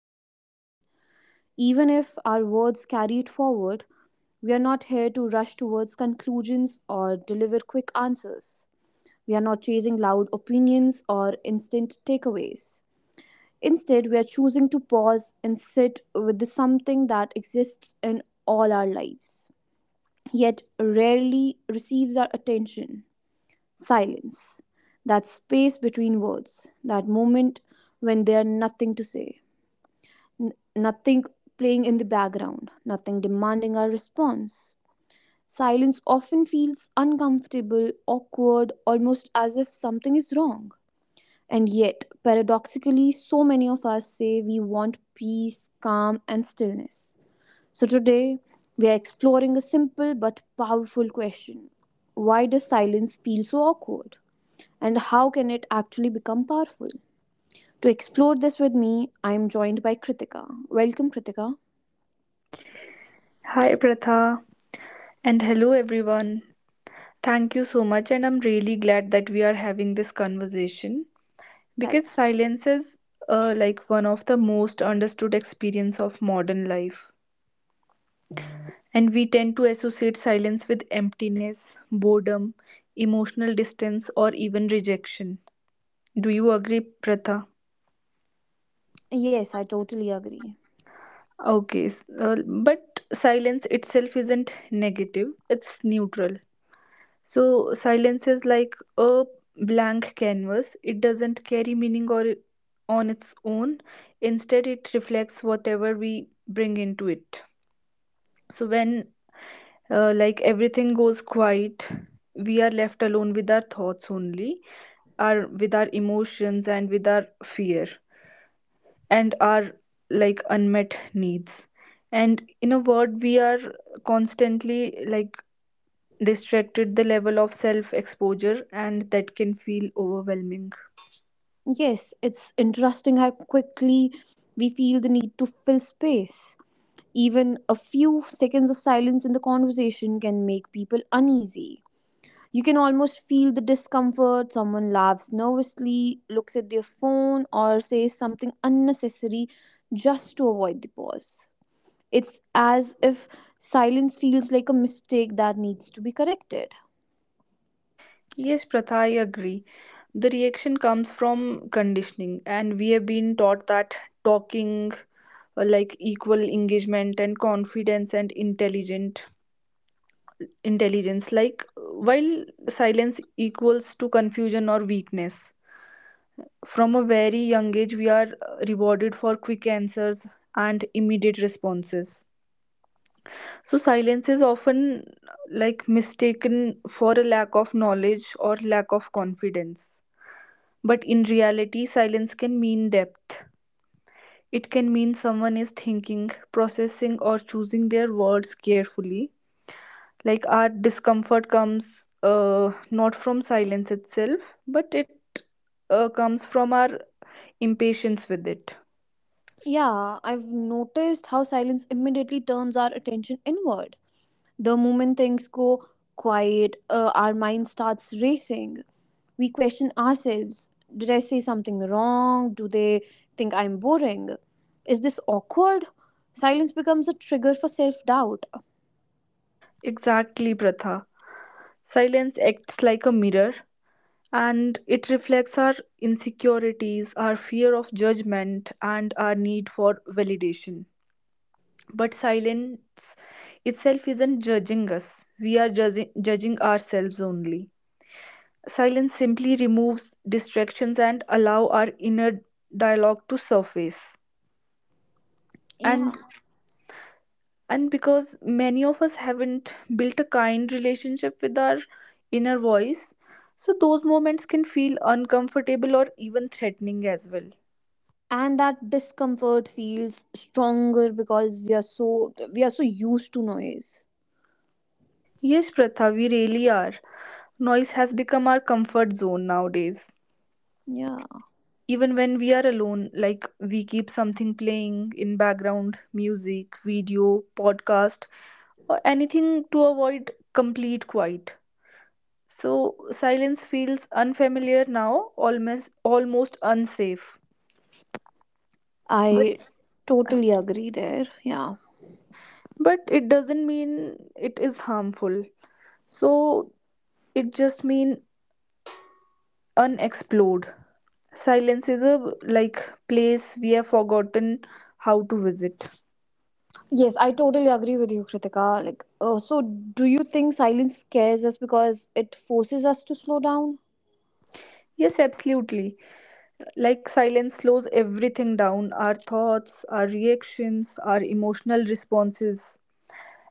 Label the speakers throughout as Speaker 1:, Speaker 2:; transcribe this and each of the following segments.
Speaker 1: its intention. Even if our words carry it forward, we are not here to rush towards conclusions or deliver quick answers. We are not chasing loud opinions or instant takeaways. Instead, we are choosing to pause and sit with the something that exists in all our lives, yet rarely receives our attention. Silence. That space between words. That moment when there's nothing to say. Nothing playing in the background. Nothing demanding our response. Silence often feels uncomfortable, awkward, almost as if something is wrong. And yet, paradoxically, so many of us say we want peace, calm, and stillness. So today, we are exploring a simple but powerful question. Why does silence feel so awkward? And how can it actually become powerful? To explore this with me, I am joined by Kritika. Welcome, Kritika.
Speaker 2: Hi Pratha and hello everyone. Thank you so much, and I'm really glad that we are having this conversation because
Speaker 1: That's
Speaker 2: silence is like one of the most understood experience of modern life, and we tend to associate silence with emptiness, boredom, emotional distance, or even rejection. Do you agree, Pratha?
Speaker 1: yes, I totally agree.
Speaker 2: Okay, but silence itself isn't negative; it's neutral. So silence is like a blank canvas. It doesn't carry meaning or on its own. Instead, it reflects whatever we bring into it. So when like everything goes quiet, we are left alone with our thoughts only, our with our emotions and with our fear and our like unmet needs. And in a word, we are constantly like distracted the level of self exposure and that can feel overwhelming.
Speaker 1: Yes, it's interesting how quickly we feel the need to fill space. Even a few seconds of silence in the conversation can make people uneasy. You can almost feel the discomfort. Someone laughs nervously, looks at their phone, or says something unnecessary just to avoid the pause. It's as if silence feels like a mistake that needs to be corrected.
Speaker 2: Yes, Pratha, I agree. The reaction comes from conditioning, and we have been taught that talking like equal engagement and confidence and intelligent intelligence like while silence equals to confusion or weakness from a very young age we are rewarded for quick answers and immediate responses. So, silence is often like mistaken for a lack of knowledge or lack of confidence. But in reality, silence can mean depth. It can mean someone is thinking, processing, or choosing their words carefully. Like our discomfort comes not from silence itself, but it comes from our impatience with it.
Speaker 1: Yeah, I've noticed how silence immediately turns our attention inward. The moment things go quiet, our mind starts racing. We question ourselves. Did I say something wrong? Do they think I'm boring? Is this awkward? Silence becomes a trigger for self doubt.
Speaker 2: Exactly, Pratha. Silence acts like a mirror and it reflects our insecurities, our fear of judgment, and our need for validation. But silence itself isn't judging us, we are judging ourselves only. Silence simply removes distractions and allow our inner dialogue to surface.
Speaker 1: Yeah.
Speaker 2: And and because many of us haven't built a kind relationship with our inner voice, so those moments can feel uncomfortable or even threatening as well.
Speaker 1: And that discomfort feels stronger because we are so used to noise.
Speaker 2: Yes, Pratha, we really are. Noise has become our comfort zone nowadays.
Speaker 1: Yeah,
Speaker 2: Even when we are alone, like we keep something playing in background, music, video, podcast, or anything to avoid complete quiet. So silence feels unfamiliar now, almost unsafe. But
Speaker 1: I totally agree there. Yeah,
Speaker 2: but it doesn't mean it is harmful. So it just mean unexplored. Silence is a like place we have forgotten how to visit.
Speaker 1: yes, I totally agree with you, Kritika. So do you think silence scares us because it forces us to slow down?
Speaker 2: Yes, absolutely. Like silence slows everything down, our thoughts, our reactions, our emotional responses.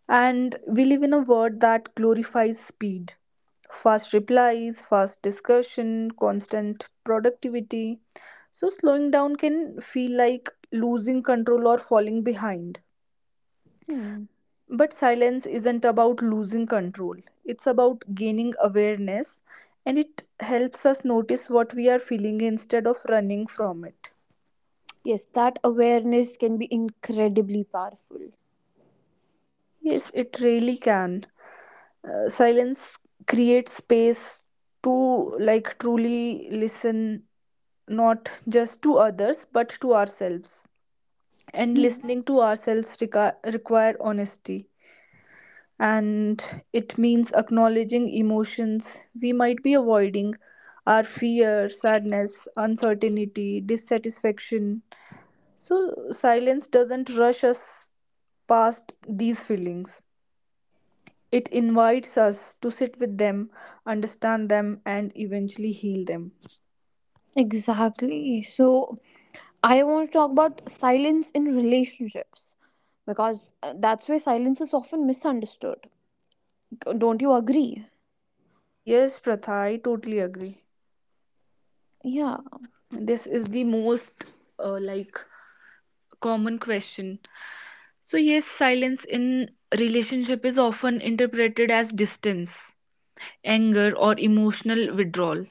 Speaker 2: And we live in a world that glorifies speed. Fast replies, fast discussion, constant productivity. So slowing down can feel like losing control or falling behind.
Speaker 1: Hmm.
Speaker 2: But silence isn't about losing control, it's about gaining awareness and it helps us notice what we are feeling instead of running from it.
Speaker 1: Yes, that awareness can be incredibly powerful.
Speaker 2: Yes, it really can. Silence creates space to like truly listen, not just to others but to ourselves. And listening to ourselves require honesty and it means acknowledging emotions we might be avoiding, our fear, sadness, uncertainty, dissatisfaction. So, silence doesn't rush us past these feelings. It invites us to sit with them, understand them, and eventually heal them.
Speaker 1: Exactly. So I want to talk about silence in relationships, because that's where silence is often misunderstood. Don't you agree?
Speaker 2: Yes, Pratha, I totally agree.
Speaker 1: Yeah,
Speaker 2: This is the most like common question. So, yes, silence in relationship is often interpreted as distance, anger, or emotional withdrawal.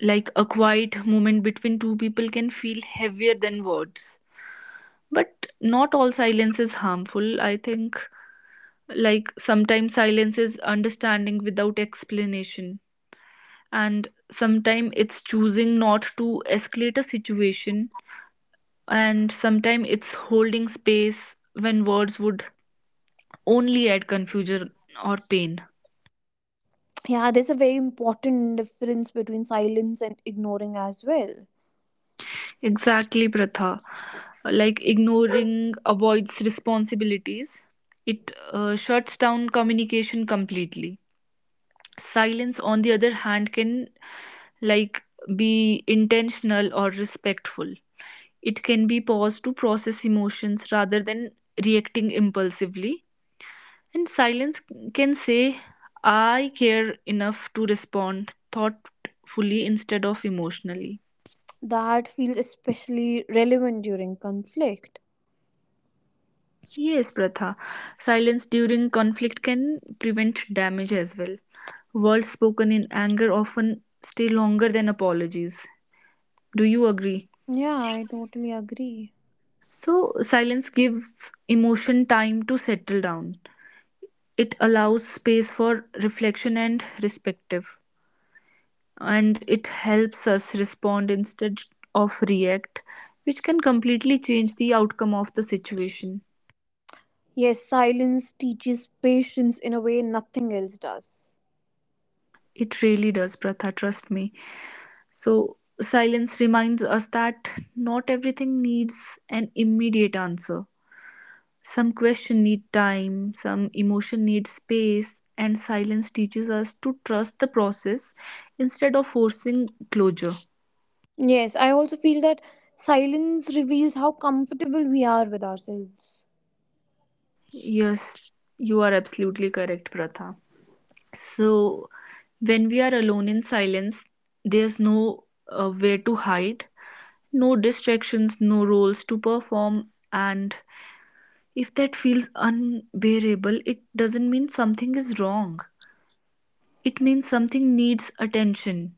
Speaker 2: Like a quiet moment between two people can feel heavier than words. But not all silence is harmful. I think, like, sometimes silence is understanding without explanation, and sometimes it's choosing not to escalate a situation, and sometimes it's holding space when words would only add confusion or pain.
Speaker 1: yeah, there's a very important difference between silence and ignoring as well.
Speaker 2: Exactly, Pratha. Like ignoring avoids responsibilities, it shuts down communication completely. Silence, on the other hand, can like be intentional or respectful. It can be paused to process emotions rather than reacting impulsively. And silence can say, I care enough to respond thoughtfully instead of emotionally.
Speaker 1: That feels especially relevant during conflict.
Speaker 2: Yes, Pratha. Silence during conflict can prevent damage as well. Words spoken in anger often stay longer than apologies. Do you agree?
Speaker 1: Yeah, I totally agree.
Speaker 2: So, silence gives emotion time to settle down. It allows space for reflection and respective. And it helps us respond instead of react, which can completely change the outcome of the situation.
Speaker 1: Yes, silence teaches patience in a way nothing else does.
Speaker 2: It really does, Pratha, trust me. So, silence reminds us that not everything needs an immediate answer. Some question need time, some emotion needs space, and silence teaches us to trust the process instead of forcing closure.
Speaker 1: Yes, I also feel that silence reveals how comfortable we are with ourselves.
Speaker 2: Yes, you are absolutely correct, Pratha. So, when we are alone in silence, there's no where to hide, no distractions, no roles to perform, and if that feels unbearable, it doesn't mean something is wrong. It means something needs attention.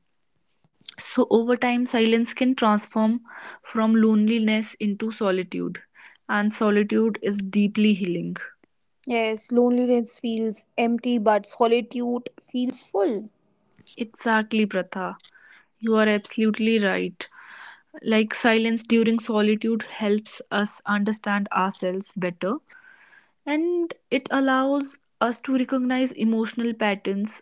Speaker 2: So, over time, silence can transform from loneliness into solitude, and solitude is deeply healing.
Speaker 1: Yes, loneliness feels empty, but solitude feels full.
Speaker 2: Exactly, Pratha. You are absolutely right. Like silence during solitude helps us understand ourselves better and it allows us to recognize emotional patterns,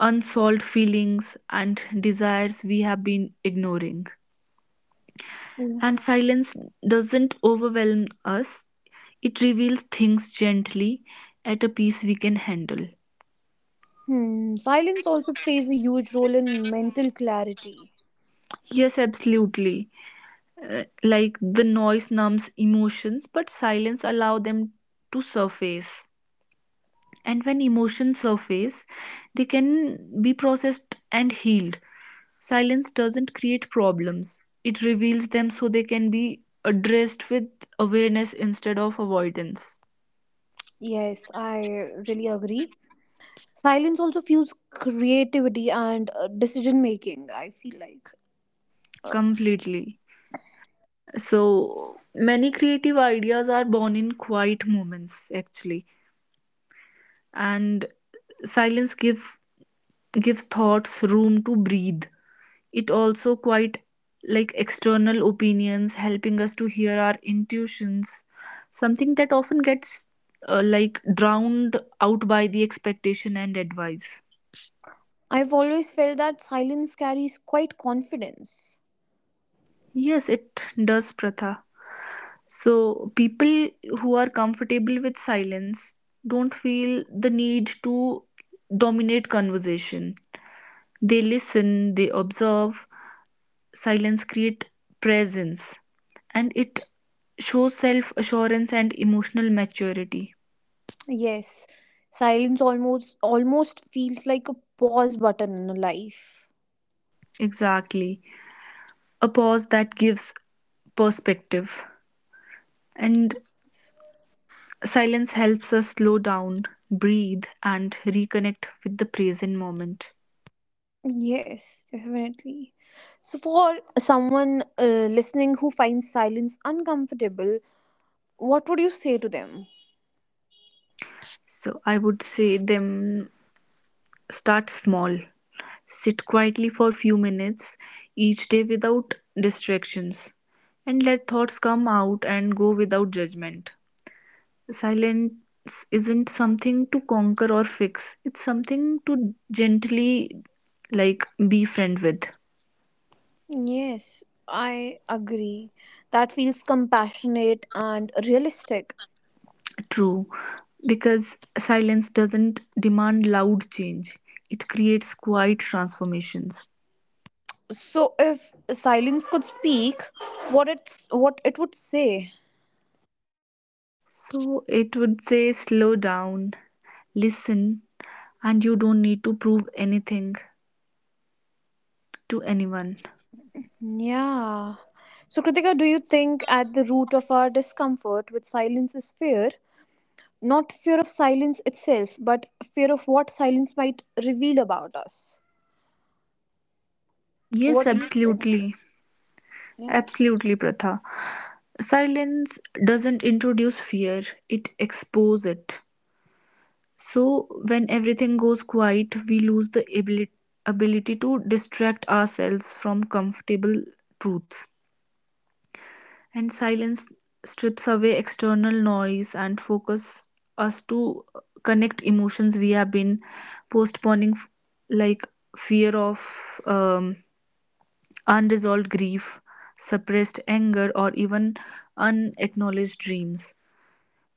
Speaker 2: unsolved feelings, and desires we have been ignoring. And silence doesn't overwhelm us, it reveals things gently at a pace we can handle.
Speaker 1: Hmm, silence also plays a huge role in mental clarity.
Speaker 2: Yes, absolutely. Like the noise numbs emotions, but silence allow them to surface. And when emotions surface, they can be processed and healed. Silence doesn't create problems, it reveals them so they can be addressed with awareness instead of avoidance.
Speaker 1: Yes, I really agree. Silence also fuels creativity and decision making, I feel like. Oh.
Speaker 2: Completely. So, many creative ideas are born in quiet moments, actually, and silence gives thoughts room to breathe. It also quite like external opinions, helping us to hear our intuitions, something that often gets like drowned out by the expectation and advice.
Speaker 1: I've always felt that silence carries quite confidence.
Speaker 2: Yes, it does, Pratha. So, people who are comfortable with silence don't feel the need to dominate conversation. They listen, they observe, silence creates presence and it shows self assurance and emotional maturity.
Speaker 1: Yes, silence almost feels like a pause button in a life.
Speaker 2: Exactly, a pause that gives perspective, and silence helps us slow down, breathe, and reconnect with the present moment.
Speaker 1: Yes, definitely. So for someone listening who finds silence uncomfortable, what would you say to them?
Speaker 2: So I would say them, start small, sit quietly for few minutes each day without distractions, and let thoughts come out and go without judgment. Silence isn't something to conquer or fix, it's something to gently, like, befriend with.
Speaker 1: Yes, I agree. That feels compassionate and realistic.
Speaker 2: True, because silence doesn't demand loud change, it creates quiet transformations.
Speaker 1: So if silence could speak, what it would say.
Speaker 2: So it would say slow down, listen, and you don't need to prove anything to anyone.
Speaker 1: Yeah. So Kritika, do you think at the root of our discomfort with silence is fear? Not fear of silence itself, but fear of what silence might reveal about us.
Speaker 2: Yes,
Speaker 1: What do you think?
Speaker 2: absolutely.
Speaker 1: Yeah.
Speaker 2: Absolutely, Pratha. Silence doesn't introduce fear, it exposes it. So, when everything goes quiet, we lose the ability to distract ourselves from comfortable truths. And silence strips away external noise and focus us to connect emotions we have been postponing, like fear of unresolved grief, suppressed anger, or even unacknowledged dreams.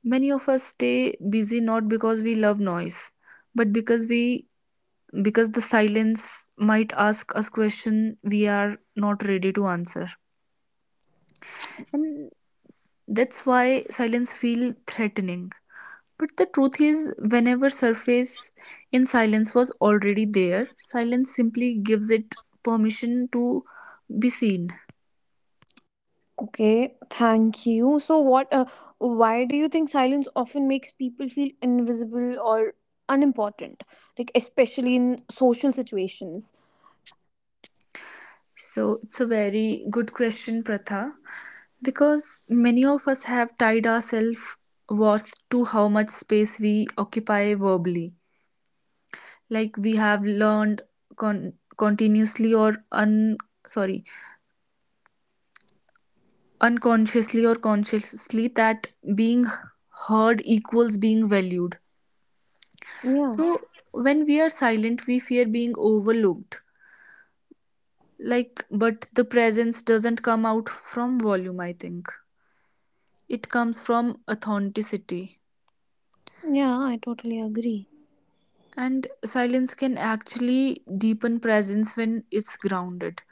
Speaker 2: Many of us stay busy not because we love noise, but because the silence might ask us question we are not ready to answer. And that's why silence feel threatening, but the truth is, whenever surface in silence was already there, silence simply gives it permission to be seen.
Speaker 1: Okay, thank you. So, what? Why do you think silence often makes people feel invisible or unimportant? Like, especially in social situations.
Speaker 2: So it's a very good question, Pratha, because many of us have tied ourselves worth to how much space we occupy verbally. Like we have learned, continuously or un sorry, unconsciously or consciously, that being heard equals being valued.
Speaker 1: Yeah.
Speaker 2: So when we are silent we fear being overlooked, like, but the presence doesn't come out from volume, I think. It comes from authenticity.
Speaker 1: Yeah, I totally agree.
Speaker 2: And silence can actually deepen presence when it's grounded.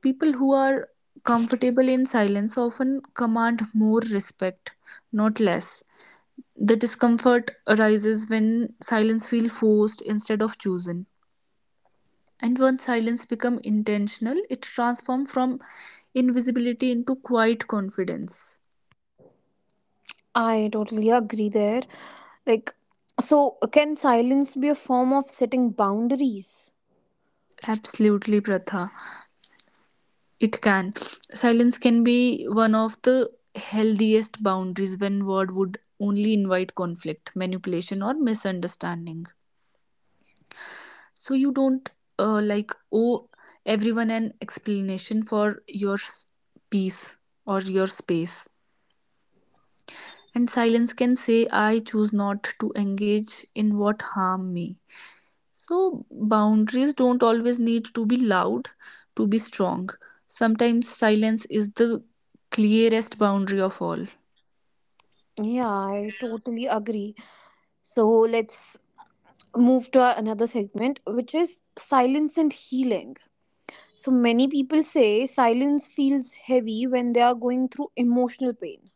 Speaker 2: People who are comfortable in silence often command more respect, not less. The discomfort arises when silence feels forced instead of chosen. And once silence becomes intentional, it transforms from invisibility into quiet confidence.
Speaker 1: I totally agree there. Like, so can silence be a form of setting boundaries?
Speaker 2: Absolutely, Pratha. It can. Silence can be one of the healthiest boundaries when word would only invite conflict, manipulation, or misunderstanding. So you don't like owe everyone an explanation for your peace or your space. And silence can say, I choose not to engage in what harm me. So boundaries don't always need to be loud to be strong. Sometimes silence is the clearest boundary of all.
Speaker 1: Yeah, I totally agree. So, let's move to another segment, which is silence and healing. So many people say silence feels heavy when they are going through emotional pain.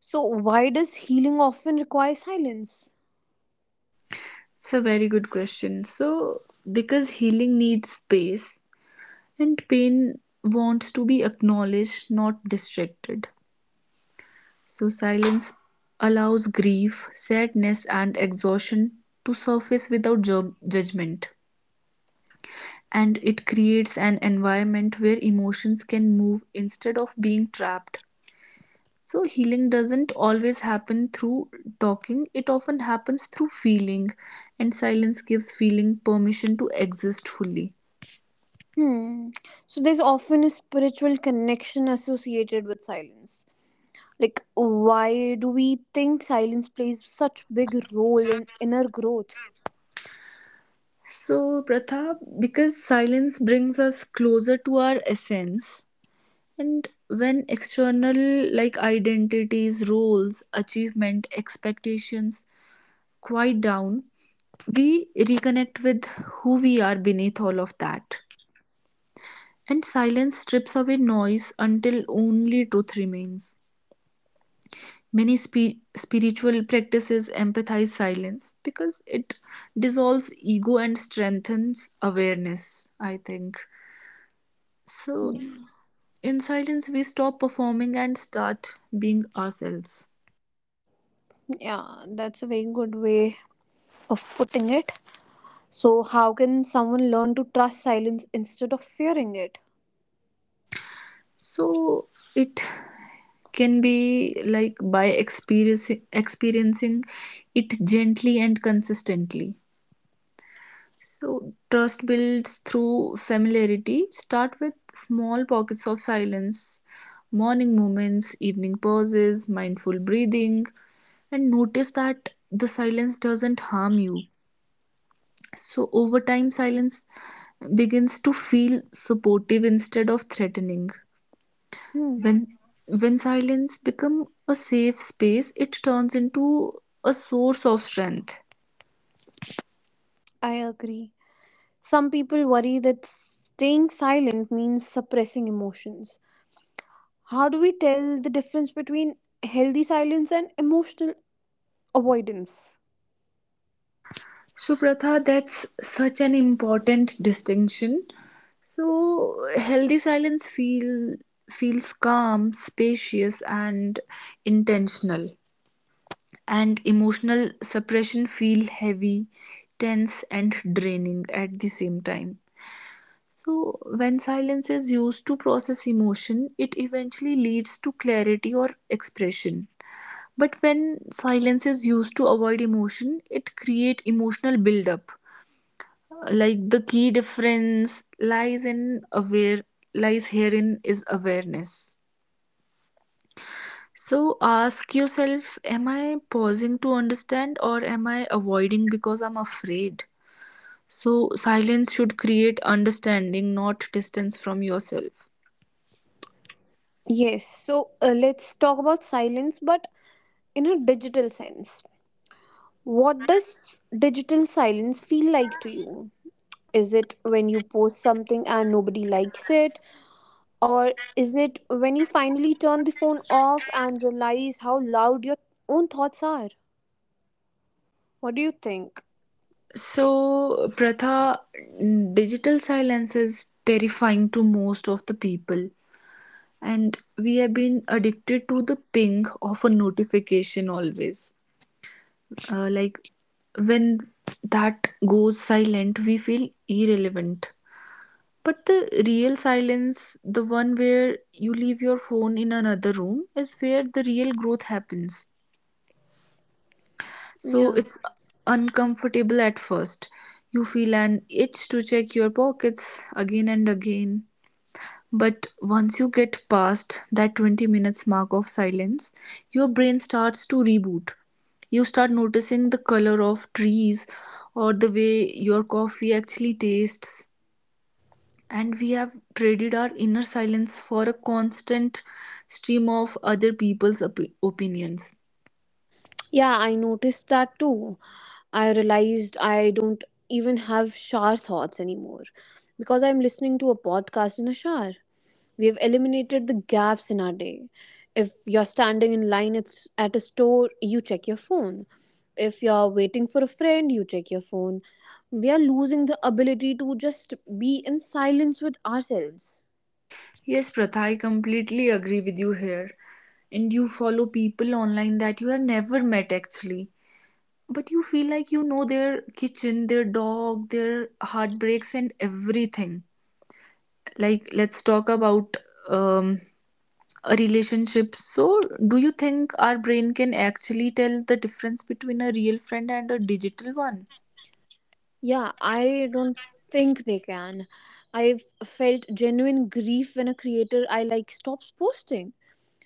Speaker 1: So why does healing often require silence?
Speaker 2: It's a very good question. So, because healing needs space, and pain wants to be acknowledged, not distracted. So silence allows grief, sadness, and exhaustion to surface without judgment. And it creates an environment where emotions can move instead of being trapped. So, healing doesn't always happen through talking, it often happens through feeling, and silence gives feeling permission to exist fully.
Speaker 1: Hmm. So there's often a spiritual connection associated with silence. Like, why do we think silence plays such big role in inner growth?
Speaker 2: So, Pratha, because silence brings us closer to our essence, and when external like identities, roles, achievement, expectations quiet down, we reconnect with who we are beneath all of that. And silence strips away noise until only truth remains. Many spiritual practices empathize silence because it dissolves ego and strengthens awareness, I think. So, in silence, we stop performing and start being ourselves.
Speaker 1: Yeah, that's a very good way of putting it. So how can someone learn to trust silence instead of fearing it?
Speaker 2: So it can be like by experiencing it gently and consistently. So trust builds through familiarity. Start with small pockets of silence, morning moments, evening pauses, mindful breathing, and notice that the silence doesn't harm you. So over time, silence begins to feel supportive instead of threatening.
Speaker 1: Hmm,
Speaker 2: When when silence becomes a safe space, it turns into a source of strength.
Speaker 1: I agree. Some people worry that staying silent means suppressing emotions. How do we tell the difference between healthy silence and emotional avoidance?
Speaker 2: So Pratha, that's such an important distinction. So healthy silence feels calm, spacious, and intentional. And emotional suppression feel heavy, tense and draining at the same time. So, when silence is used to process emotion, it eventually leads to clarity or expression. But when silence is used to avoid emotion, it creates emotional buildup. Like the key difference lies herein is awareness. So ask yourself, am I pausing to understand or am I avoiding because I'm afraid? So silence should create understanding, not distance from yourself.
Speaker 1: Yes, so let's talk about silence, but in a digital sense. What does digital silence feel like to you? Is it when you post something and nobody likes it? Or is it when you finally turn the phone off and realize how loud your own thoughts are? What do you think?
Speaker 2: So, Pratha, digital silence is terrifying to most of the people, and we have been addicted to the ping of a notification always. Like when that goes silent, we feel irrelevant. But the real silence, the one where you leave your phone in another room, is where the real growth happens. So
Speaker 1: Yeah.
Speaker 2: it's uncomfortable at first. You feel an itch to check your pockets again and again. But once you get past that 20 minutes mark of silence, your brain starts to reboot. You start noticing the color of trees or the way your coffee actually tastes. And we have traded our inner silence for a constant stream of opinions.
Speaker 1: Yeah, I noticed that too. I realized I don't even have shower thoughts anymore because I'm listening to a podcast in a shower. We have eliminated the gaps in our day. If you're standing in line at at a store, you check your phone. If you're waiting for a friend, you check your phone. We are losing the ability to just be in silence with ourselves.
Speaker 2: Yes, Pratha, I completely agree with you here. And you follow people online that you have never met actually. But you feel like you know their kitchen, their dog, their heartbreaks, and everything. Like, let's talk about um, a relationship. So, do you think our brain can actually tell the difference between a real friend and a digital one?
Speaker 1: Yeah, I don't think they can. I've felt genuine grief when a creator I like stops posting.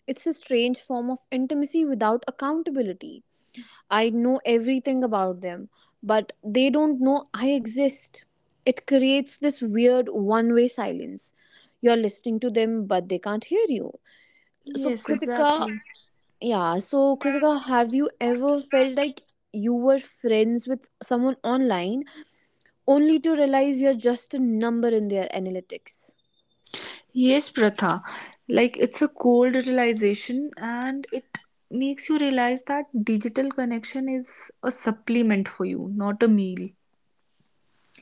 Speaker 1: It's a strange form of intimacy without accountability. I know everything about them, but they don't know I exist. It creates this weird one way silence. You're listening to them, but they can't hear you. So,
Speaker 2: Yes,
Speaker 1: Kritika,
Speaker 2: exactly.
Speaker 1: have you ever felt like you were friends with someone online, only to realize you're just a number in their analytics?
Speaker 2: Yes, Pratha. Like it's a cold realization and it makes you realize that digital connection is a supplement for you, not a meal.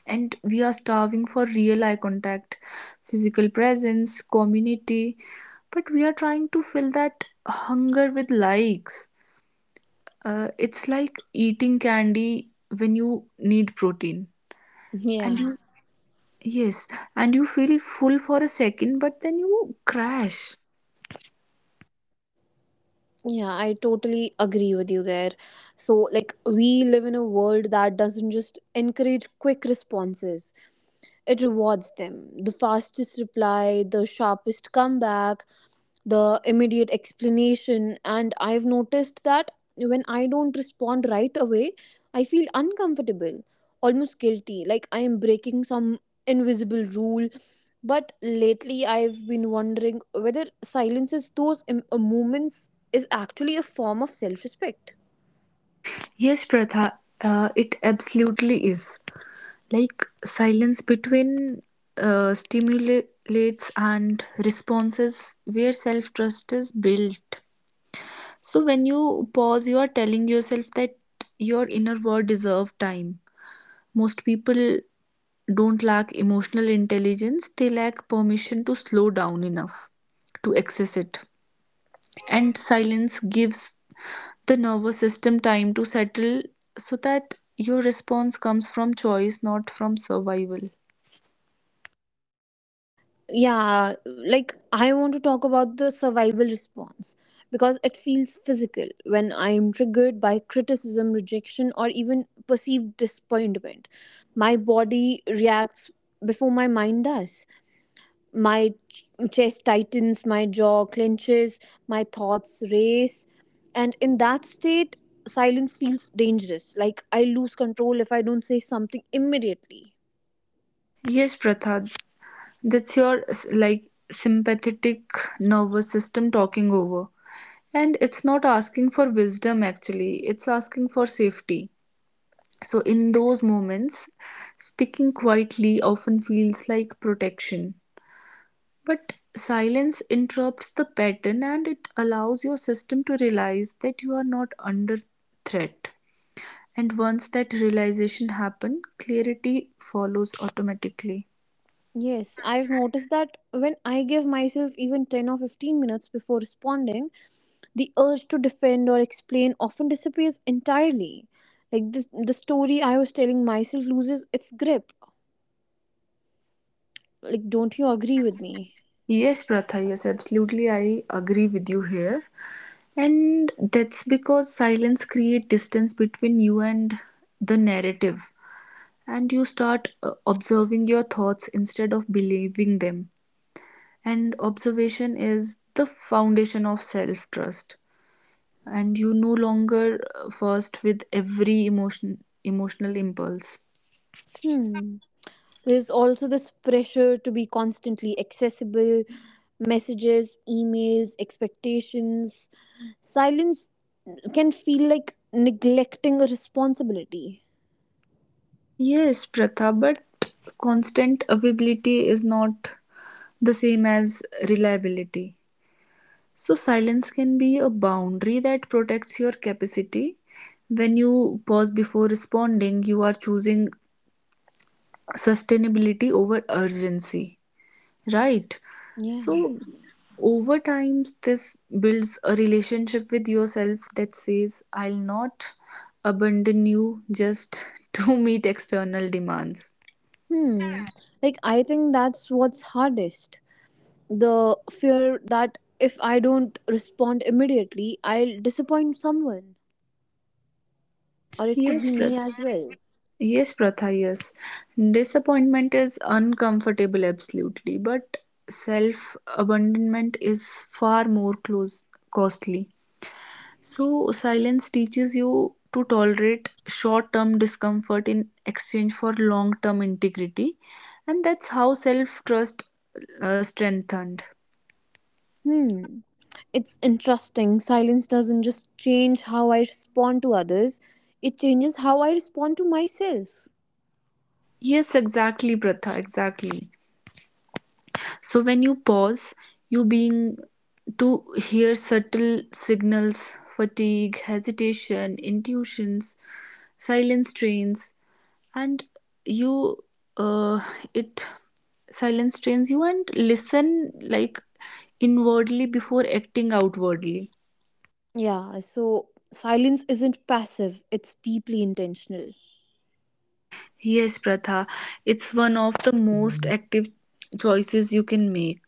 Speaker 2: And we are starving for real eye contact, physical presence, community, but we are trying to fill that hunger with likes. It's like eating candy when you need protein. And
Speaker 1: Yeah,
Speaker 2: you, yes, and you feel full for a second, but then you crash.
Speaker 1: yeah, I totally agree with you there. So, like, we live in a world that doesn't just encourage quick responses, it rewards them. The fastest reply, the sharpest comeback, the immediate explanation. And I've noticed that when I don't respond right away, I feel uncomfortable, almost guilty, like I am breaking some invisible rule. But lately I've been wondering whether silence is those moments is actually a form of self-respect.
Speaker 2: Yes, Pratha, it absolutely is. Like silence between stimulates and responses where self trust is built. So when you pause, you are telling yourself that your inner world deserves time. Most people don't lack emotional intelligence, they lack permission to slow down enough to access it, and silence gives the nervous system time to settle, so that your response comes from choice, not from survival.
Speaker 1: Yeah, like I want to talk about the survival response because it feels physical when I am triggered by criticism, rejection, or even perceived disappointment. My body reacts before my mind does. My ch- chest tightens, my jaw clenches, my thoughts race. And in that state, silence feels dangerous. Like I lose control if I don't say something immediately.
Speaker 2: Yes, Pratha, like sympathetic nervous system talking over, and it's not asking for wisdom actually, it's asking for safety. So in those moments, speaking quietly often feels like protection. But silence interrupts the pattern and it allows your system to realize that you are not under threat. And once that realization happens, clarity follows automatically.
Speaker 1: Yes, I've noticed that when I give myself even 10 or 15 minutes before responding, the urge to defend or explain often disappears entirely. Like this, the story I was telling myself loses its grip. Like, don't you agree with me?
Speaker 2: Yes, Pratha, yes, absolutely. I agree with you here. And that's because silence creates distance between you and the narrative. And you start observing your thoughts instead of believing them. And observation is the foundation of self trust. And you no longer first with every emotion emotional impulse.
Speaker 1: Hmm. There's also this pressure to be constantly accessible, messages, emails, expectations. Silence can feel like neglecting a responsibility.
Speaker 2: Yes, Pratha, but constant availability is not the same as reliability. So silence can be a boundary that protects your capacity. When you pause before responding, you are choosing sustainability over urgency. Right.
Speaker 1: Yeah.
Speaker 2: So over time, this builds a relationship with yourself that says, I'll not abandon you just to meet external demands.
Speaker 1: Hmm. Like I think that's what's hardest. The fear that if I don't respond immediately, I'll disappoint someone. Or it could
Speaker 2: Yes,
Speaker 1: be
Speaker 2: Prat.
Speaker 1: me as well.
Speaker 2: Yes, Pratha, yes. Disappointment is uncomfortable, absolutely, but self abandonment is far more close costly. So, silence teaches you to tolerate short term discomfort in exchange for long term integrity, and that's how self trust strengthened.
Speaker 1: Hmm. It's interesting. Silence doesn't just change how I respond to others, it changes how I respond to myself.
Speaker 2: Yes, exactly, Pratha, exactly. So, when you pause, you being to hear subtle signals, fatigue, hesitation, intuitions. Silence trains and you uh, it silence trains you and listen like inwardly before acting outwardly.
Speaker 1: Yeah, so silence isn't passive, it's deeply intentional.
Speaker 2: Yes, Pratha, it's one of the most active choices you can make.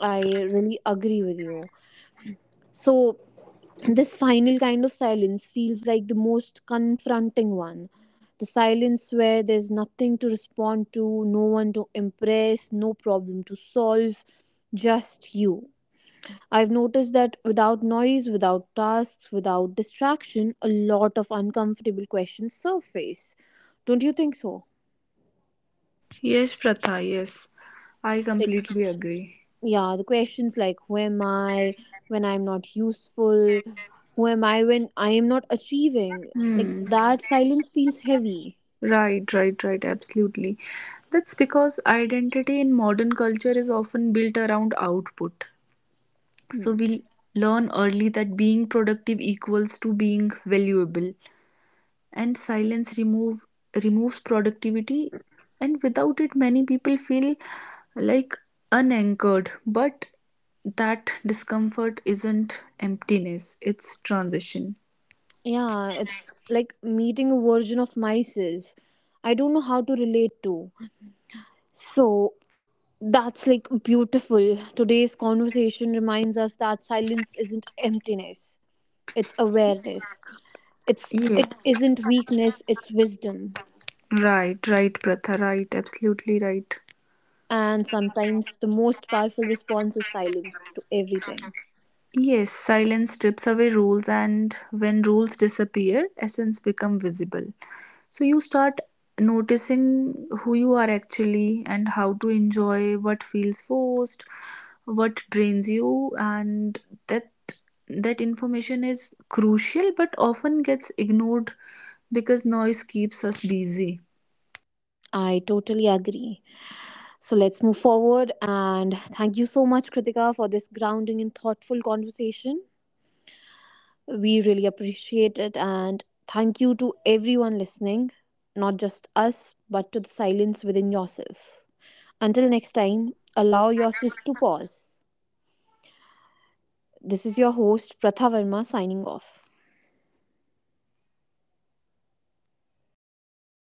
Speaker 1: I really agree with you. So this final kind of silence feels like the most confronting one. The silence where there's nothing to respond to, no one to impress, no problem to solve, just you. I've noticed that without noise, without tasks, without distraction, a lot of uncomfortable questions surface. Don't you think so?
Speaker 2: Yes, Pratha, yes, I completely agree.
Speaker 1: Yeah, the questions like, who am I when I'm not useful? Who am I when I am not achieving? Like
Speaker 2: Hmm.
Speaker 1: that silence feels heavy.
Speaker 2: Right, right, right, absolutely. That's because identity in modern culture is often built around output. So
Speaker 1: Hmm.
Speaker 2: we learn early that being productive equals to being valuable, and silence remove removes productivity, and without it many people feel like unanchored, but that discomfort isn't emptiness, it's transition.
Speaker 1: Yeah, it's like meeting a version of myself I don't know how to relate to. So that's like beautiful. Today's conversation reminds us that silence isn't emptiness, it's awareness. It
Speaker 2: Yes,
Speaker 1: isn't weakness, it's wisdom.
Speaker 2: right, right, Pratha, right, absolutely right.
Speaker 1: And sometimes the most powerful response is silence to everything.
Speaker 2: Yes, silence strips away rules, and when rules disappear, essence become visible. So you start noticing who you are actually and how to enjoy what feels forced, what drains you, and that that information is crucial but often gets ignored because noise keeps us busy.
Speaker 1: I totally agree. So let's move forward. And thank you so much, Kritika, for this grounding and thoughtful conversation. We really appreciate it. And thank you to everyone listening, not just us, but to the silence within yourself. Until next time, allow yourself to pause. This is your host, Pratha Verma, signing off.